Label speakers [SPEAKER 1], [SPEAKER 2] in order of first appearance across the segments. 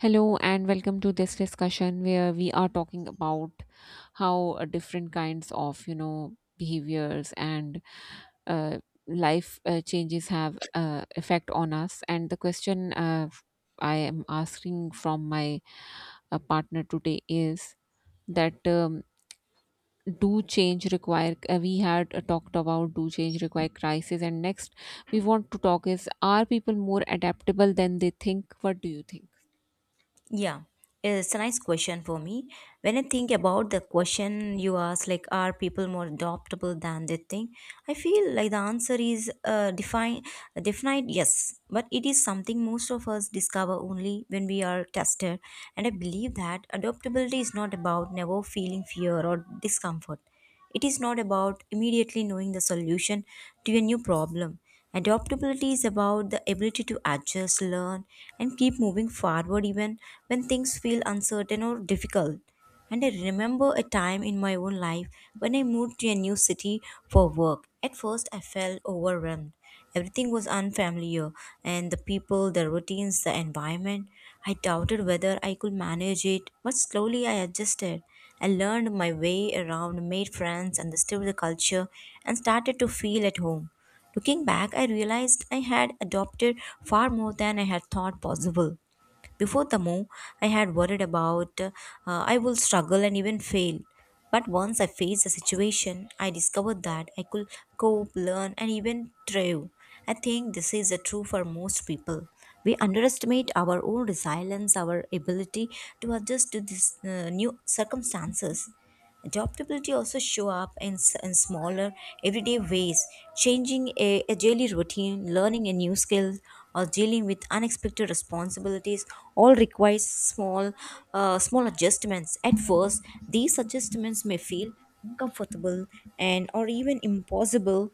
[SPEAKER 1] Hello and welcome to this discussion where we are talking about how different kinds of behaviors and uh, life changes have effect on us. And the question I am asking from my partner today is that, do change require? We had talked about do change require crisis, and next we want to talk is are people more adaptable than they think? What do you think?
[SPEAKER 2] Yeah, it's a nice question for me. When I think about the question you asked, like, are people more adoptable than they think? I feel like the answer is definite yes, but it is something most of us discover only when we are tested. And I believe that adaptability is not about never feeling fear or discomfort. It is not about immediately knowing the solution to a new problem. Adaptability is about the ability to adjust, learn, and keep moving forward even when things feel uncertain or difficult. And I remember a time in my own life when I moved to a new city for work. At first, I felt overwhelmed. Everything was unfamiliar, and the people, the routines, the environment. I doubted whether I could manage it, but slowly I adjusted. I learned my way around, made friends, understood the culture, and started to feel at home. Looking back, I realized I had adopted far more than I had thought possible. Before the move, I had worried about I will struggle and even fail. But once I faced the situation, I discovered that I could cope, learn, and even thrive. I think this is true for most people. We underestimate our own resilience, our ability to adjust to these new circumstances. Adaptability also show up in smaller everyday ways, changing a daily routine, learning a new skill, or dealing with unexpected responsibilities all requires small adjustments. At first, these adjustments may feel uncomfortable and or even impossible,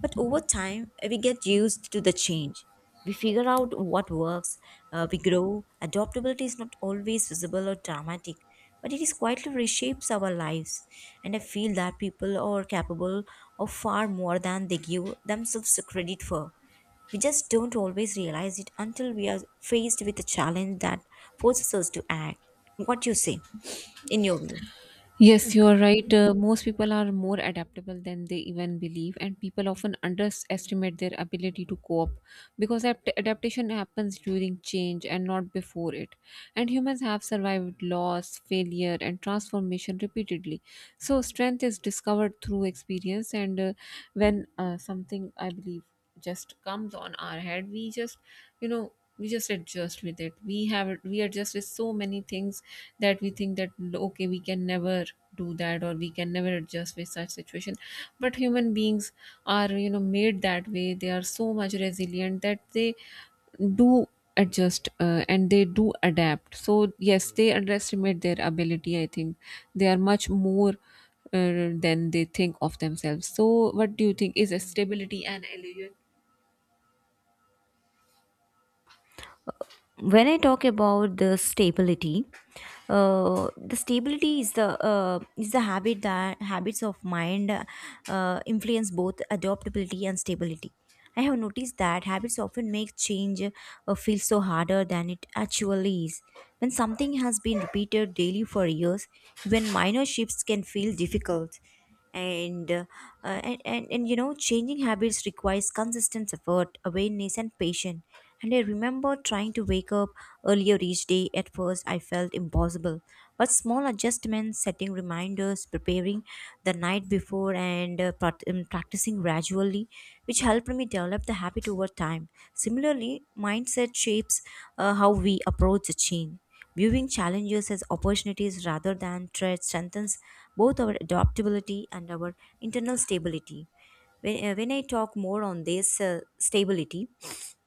[SPEAKER 2] but over time we get used to the change. We figure out what works, we grow. Adaptability is not always visible or dramatic, but it is quietly reshapes our lives. And I feel that people are capable of far more than they give themselves credit for. We just don't always realize it until we are faced with a challenge that forces us to act. What you say, in your view?
[SPEAKER 1] Yes, you are right. Most people are more adaptable than they even believe, and people often underestimate their ability to cope because adaptation happens during change and not before it. And humans have survived loss, failure, and transformation repeatedly. So, strength is discovered through experience, and when something I believe just comes on our head, we just, you know, we just adjust with it. We adjust with so many things that we think that okay we can never do that or we can never adjust with such situation, but human beings are, you know, made that way. They are so much resilient that they do adjust, and they do adapt. So yes, they underestimate their ability. I think they are much more than they think of themselves. So what do you think, is a stability an illusion?
[SPEAKER 2] When I talk about the stability is the habit that habits of mind influence both adaptability and stability. I have noticed that habits often make change feel so harder than it actually is. When something has been repeated daily for years, even minor shifts can feel difficult and uh, and you know changing habits requires consistent effort, awareness and patience. And I remember trying to wake up earlier each day. At first I felt impossible, but small adjustments, setting reminders, preparing the night before, and practicing gradually, which helped me develop the habit over time. Similarly, mindset shapes how we approach the change. Viewing challenges as opportunities rather than threats strengthens both our adaptability and our internal stability. When I talk more on this stability,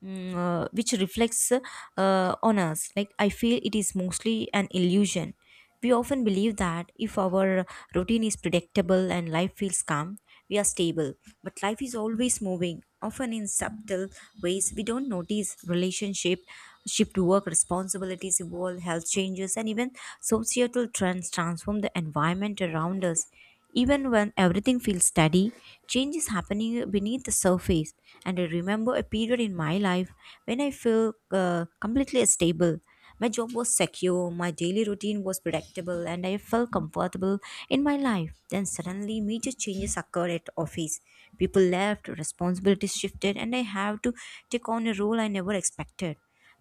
[SPEAKER 2] which reflects on us. Like, I feel it is mostly an illusion. We often believe that if our routine is predictable and life feels calm, we are stable. But life is always moving, often in subtle ways we don't notice. Relationship, shift to work, responsibilities evolve, health changes, and even societal trends transform the environment around us. Even when everything feels steady, change is happening beneath the surface. And I remember a period in my life when I felt completely stable. My job was secure, my daily routine was predictable, and I felt comfortable in my life. Then suddenly, major changes occurred at office. People left, responsibilities shifted, and I have to take on a role I never expected.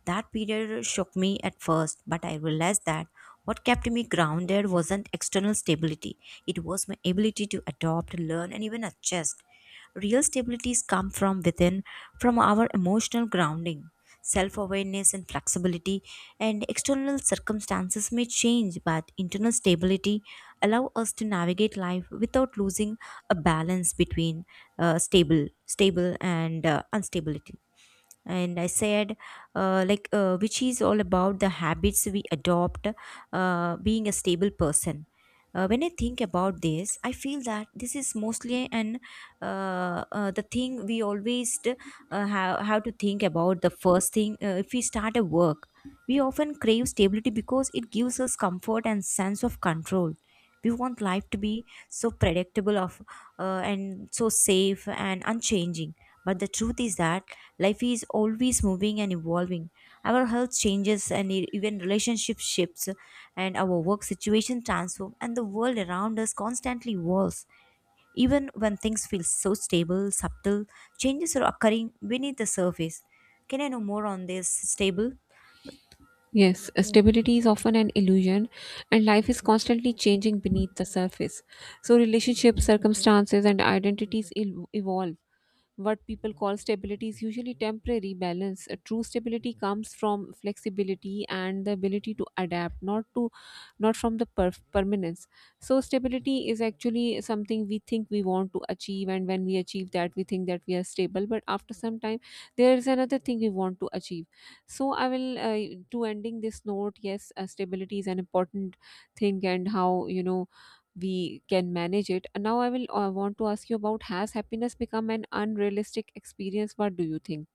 [SPEAKER 2] That period shocked me at first, but I realized that what kept me grounded wasn't external stability, it was my ability to adopt, learn, and even adjust. Real stabilities come from within, from our emotional grounding, self awareness, and flexibility. And external circumstances may change, but internal stability allow us to navigate life without losing a balance between stable and instability. And I said, which is all about the habits we adopt, being a stable person. When I think about this, I feel that this is mostly an the thing we always have to think about, the first thing if we start a work. We often crave stability because it gives us comfort and sense of control. We want life to be so predictable of and so safe and unchanging, but the truth is that life is always moving and evolving. Our health changes and even relationship shifts, and our work situation transforms, and the world around us constantly evolves. Even when things feel so stable, subtle changes are occurring beneath the surface. Can I know more on this stable?
[SPEAKER 1] Yes, stability is often an illusion, and life is constantly changing beneath the surface. So, relationships, circumstances, and identities evolve. What people call stability is usually temporary balance. A true stability comes from flexibility and the ability to adapt, not from the permanence. So, stability is actually something we think we want to achieve, and when we achieve that, we think that we are stable. But after some time, there is another thing we want to achieve. So I will, to ending this note, yes, stability is an important thing, and how, you know, we can manage it. And now I will, want to ask you about, has happiness become an unrealistic experience? What do you think?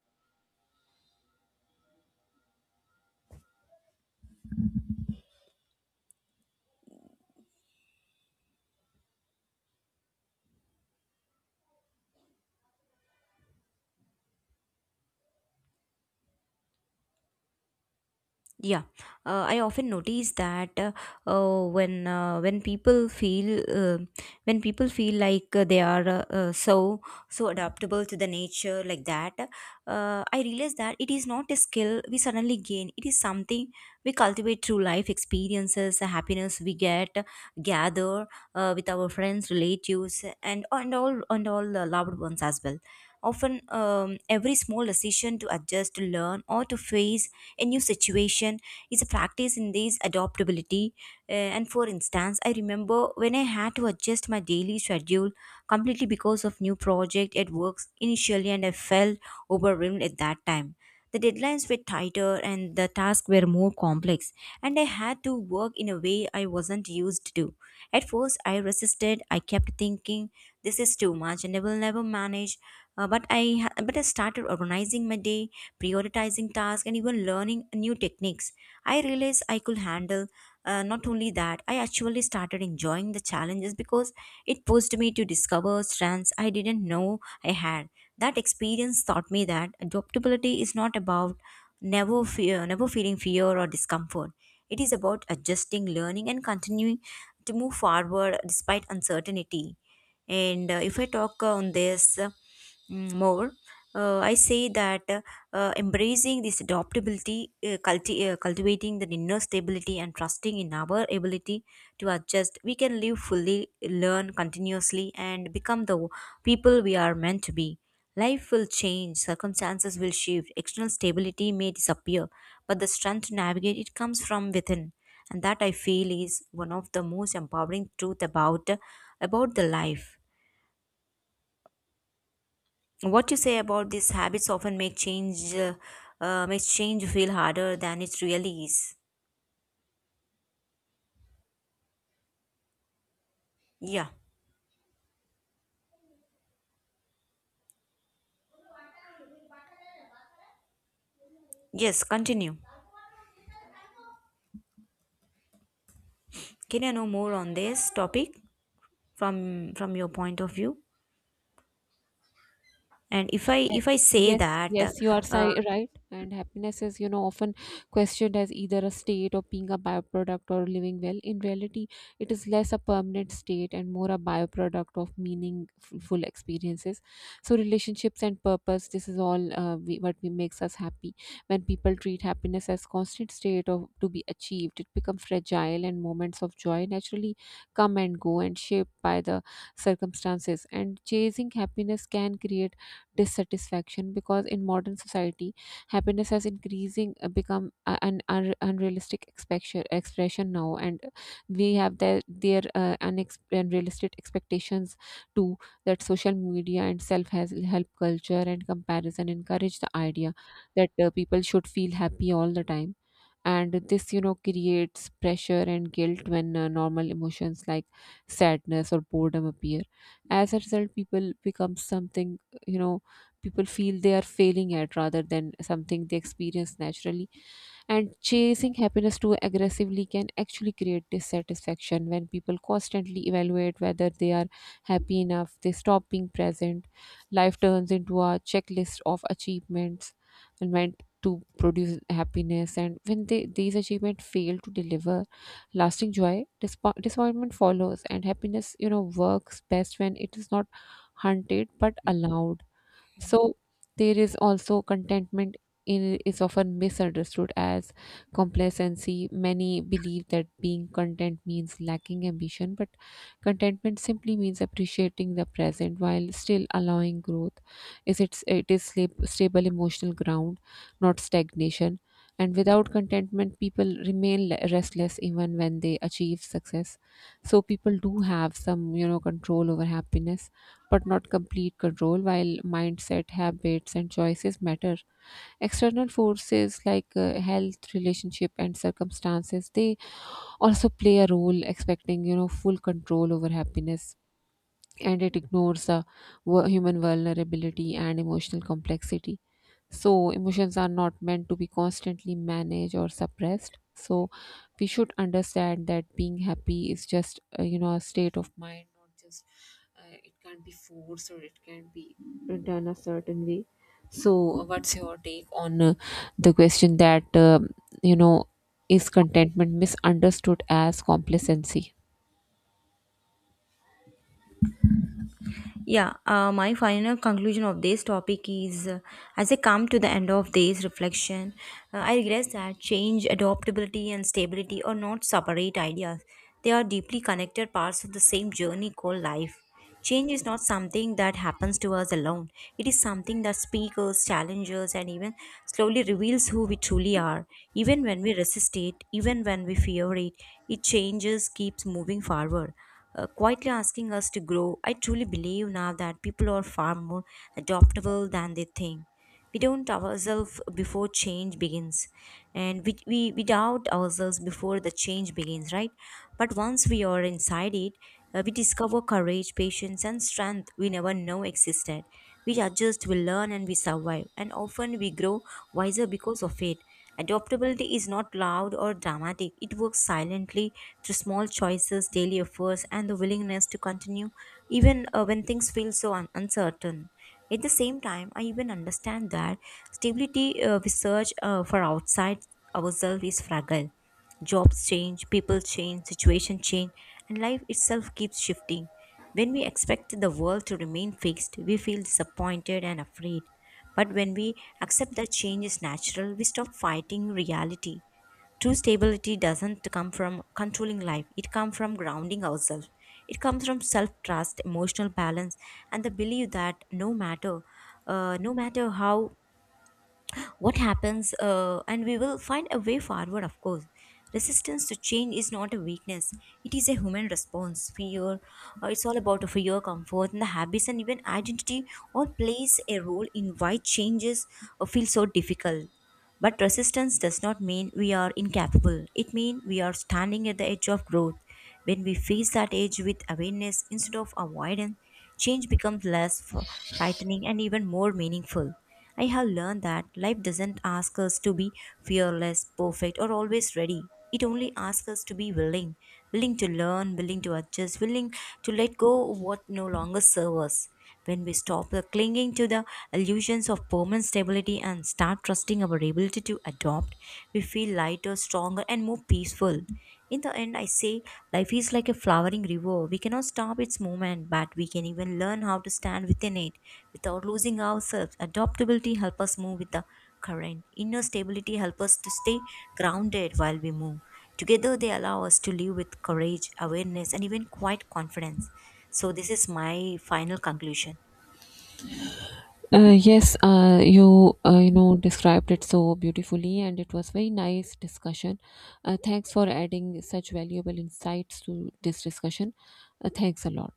[SPEAKER 2] Yeah, I often notice that when people feel, when people feel like they are so so adaptable to the nature like that, I realize that it is not a skill we suddenly gain. It is something we cultivate through life experiences, the happiness we get gather with our friends, relatives, and all loved ones as well. Often, every small decision to adjust, to learn, or to face a new situation is a practice in these adaptability. And for instance, I remember when I had to adjust my daily schedule completely because of new project at work initially, and I felt overwhelmed at that time. The deadlines were tighter and the tasks were more complex, and I had to work in a way I wasn't used to. At first, I resisted. I kept thinking, "This is too much, and I will never manage." But I started organizing my day, prioritizing tasks, and even learning new techniques. I realized I could handle, not only that, I actually started enjoying the challenges because it pushed me to discover strengths I didn't know I had. That experience taught me that adaptability is not about never feeling fear or discomfort. It is about adjusting, learning, and continuing to move forward despite uncertainty. And If I talk on this more, I say that embracing this adaptability, cultivating the inner stability, and trusting in our ability to adjust, we can live fully, learn continuously, and become the people we are meant to be. Life will change, circumstances will shift, external stability may disappear, but the strength to navigate it comes from within. And that I feel is one of the most empowering truth about the life. What you say about these habits often make change, makes change feel harder than it really is. Yeah. Yes, continue. Can I know more on this topic from your point of view? And if I say
[SPEAKER 1] Yes,
[SPEAKER 2] that,
[SPEAKER 1] yes, you are
[SPEAKER 2] uh,
[SPEAKER 1] right. And happiness is, you know, often questioned as either a state or being a byproduct or living well. In reality, it is less a permanent state and more a byproduct of meaningful experiences. So, relationships and purpose, this is all, what we makes us happy. When people treat happiness as constant state or to be achieved, it becomes fragile, and moments of joy naturally come and go and shaped by the circumstances. And chasing happiness can create dissatisfaction because in modern society happiness has increasing become an unrealistic expression now, and we have their unrealistic expectations too, that social media and self has help culture and comparison encourage the idea that people should feel happy all the time. And this, you know, creates pressure and guilt when normal emotions like sadness or boredom appear. As a result, people become something, you know, people feel they are failing at rather than something they experience naturally. And chasing happiness too aggressively can actually create dissatisfaction. When people constantly evaluate whether they are happy enough, they stop being present. Life turns into a checklist of achievements and meant to produce happiness, and when they, these achievements fail to deliver lasting joy, disappointment follows. And happiness, you know, works best when it is not hunted but allowed. So there is also contentment in, is often misunderstood as complacency. Many believe that being content means lacking ambition, but contentment simply means appreciating the present while still allowing growth. Is it It is stable emotional ground, not stagnation. And without contentment, people remain restless even when they achieve success. So people do have some, you know, control over happiness but not complete control, while mindset, habits, and choices matter. External forces like health, relationship, and circumstances, they also play a role. Expecting, you know, full control over happiness, and it ignores the human vulnerability and emotional complexity. So, emotions are not meant to be constantly managed or suppressed. So, we should understand that being happy is just, you know, a state of mind, not just it can't be forced or it can be done a certain way. So, what's your take on the question that, you know, is contentment misunderstood as complacency?
[SPEAKER 2] yeah, my final conclusion of this topic is, as I come to the end of this reflection, I regress that change, adaptability, and stability are not separate ideas. They are deeply connected parts of the same journey called life. Change is not something that happens to us alone. It is something that speakers, challenges, and even slowly reveals who we truly are. Even when we resist it, even when we fear it, it changes, keeps moving forward, quietly asking us to grow. I truly believe now that people are far more adaptable than they think. We don't ourselves before change begins, and we doubt ourselves before the change begins, right? But once we are inside it, we discover courage, patience, and strength we never know existed. We adjust, we learn, and we survive, and often we grow wiser because of it. Adaptability is not loud or dramatic. It works silently through small choices, daily efforts, and the willingness to continue even when things feel so uncertain. At the same time, I even understand that stability we search for outside ourselves is fragile. Jobs change, people change, situation change, and life itself keeps shifting. When we expect the world to remain fixed, we feel disappointed and afraid. But when we accept that change is natural, we stop fighting reality. True stability doesn't come from controlling life. It comes from grounding ourselves. It comes from self-trust, emotional balance, and the belief that no matter how what happens, and we will find a way forward. Of course, resistance to change is not a weakness, it is a human response. Fear It's all about fear, comfort, and the habits, and even identity all plays a role in why changes feel so difficult. But resistance does not mean we are incapable. It means we are standing at the edge of growth. When we face that edge with awareness instead of avoidance, change becomes less frightening and even more meaningful. I have learned that life doesn't ask us to be fearless, perfect, or always ready. It only asks us to be willing, willing to learn, willing to adjust, willing to let go of what no longer serves us. When we stop clinging to the illusions of permanent stability and start trusting our ability to adopt, we feel lighter, stronger, and more peaceful. In the end, I say life is like a flowering river. We cannot stop its movement, but we can even learn how to stand within it without losing ourselves. Adaptability helps us move with the current. Inner stability helps us to stay grounded while we move. Together, they allow us to live with courage, awareness, and even quiet confidence. So, this is my final conclusion.
[SPEAKER 1] Yes, you, you know, described it so beautifully, and it was very nice discussion. Thanks for adding such valuable insights to this discussion. Thanks a lot.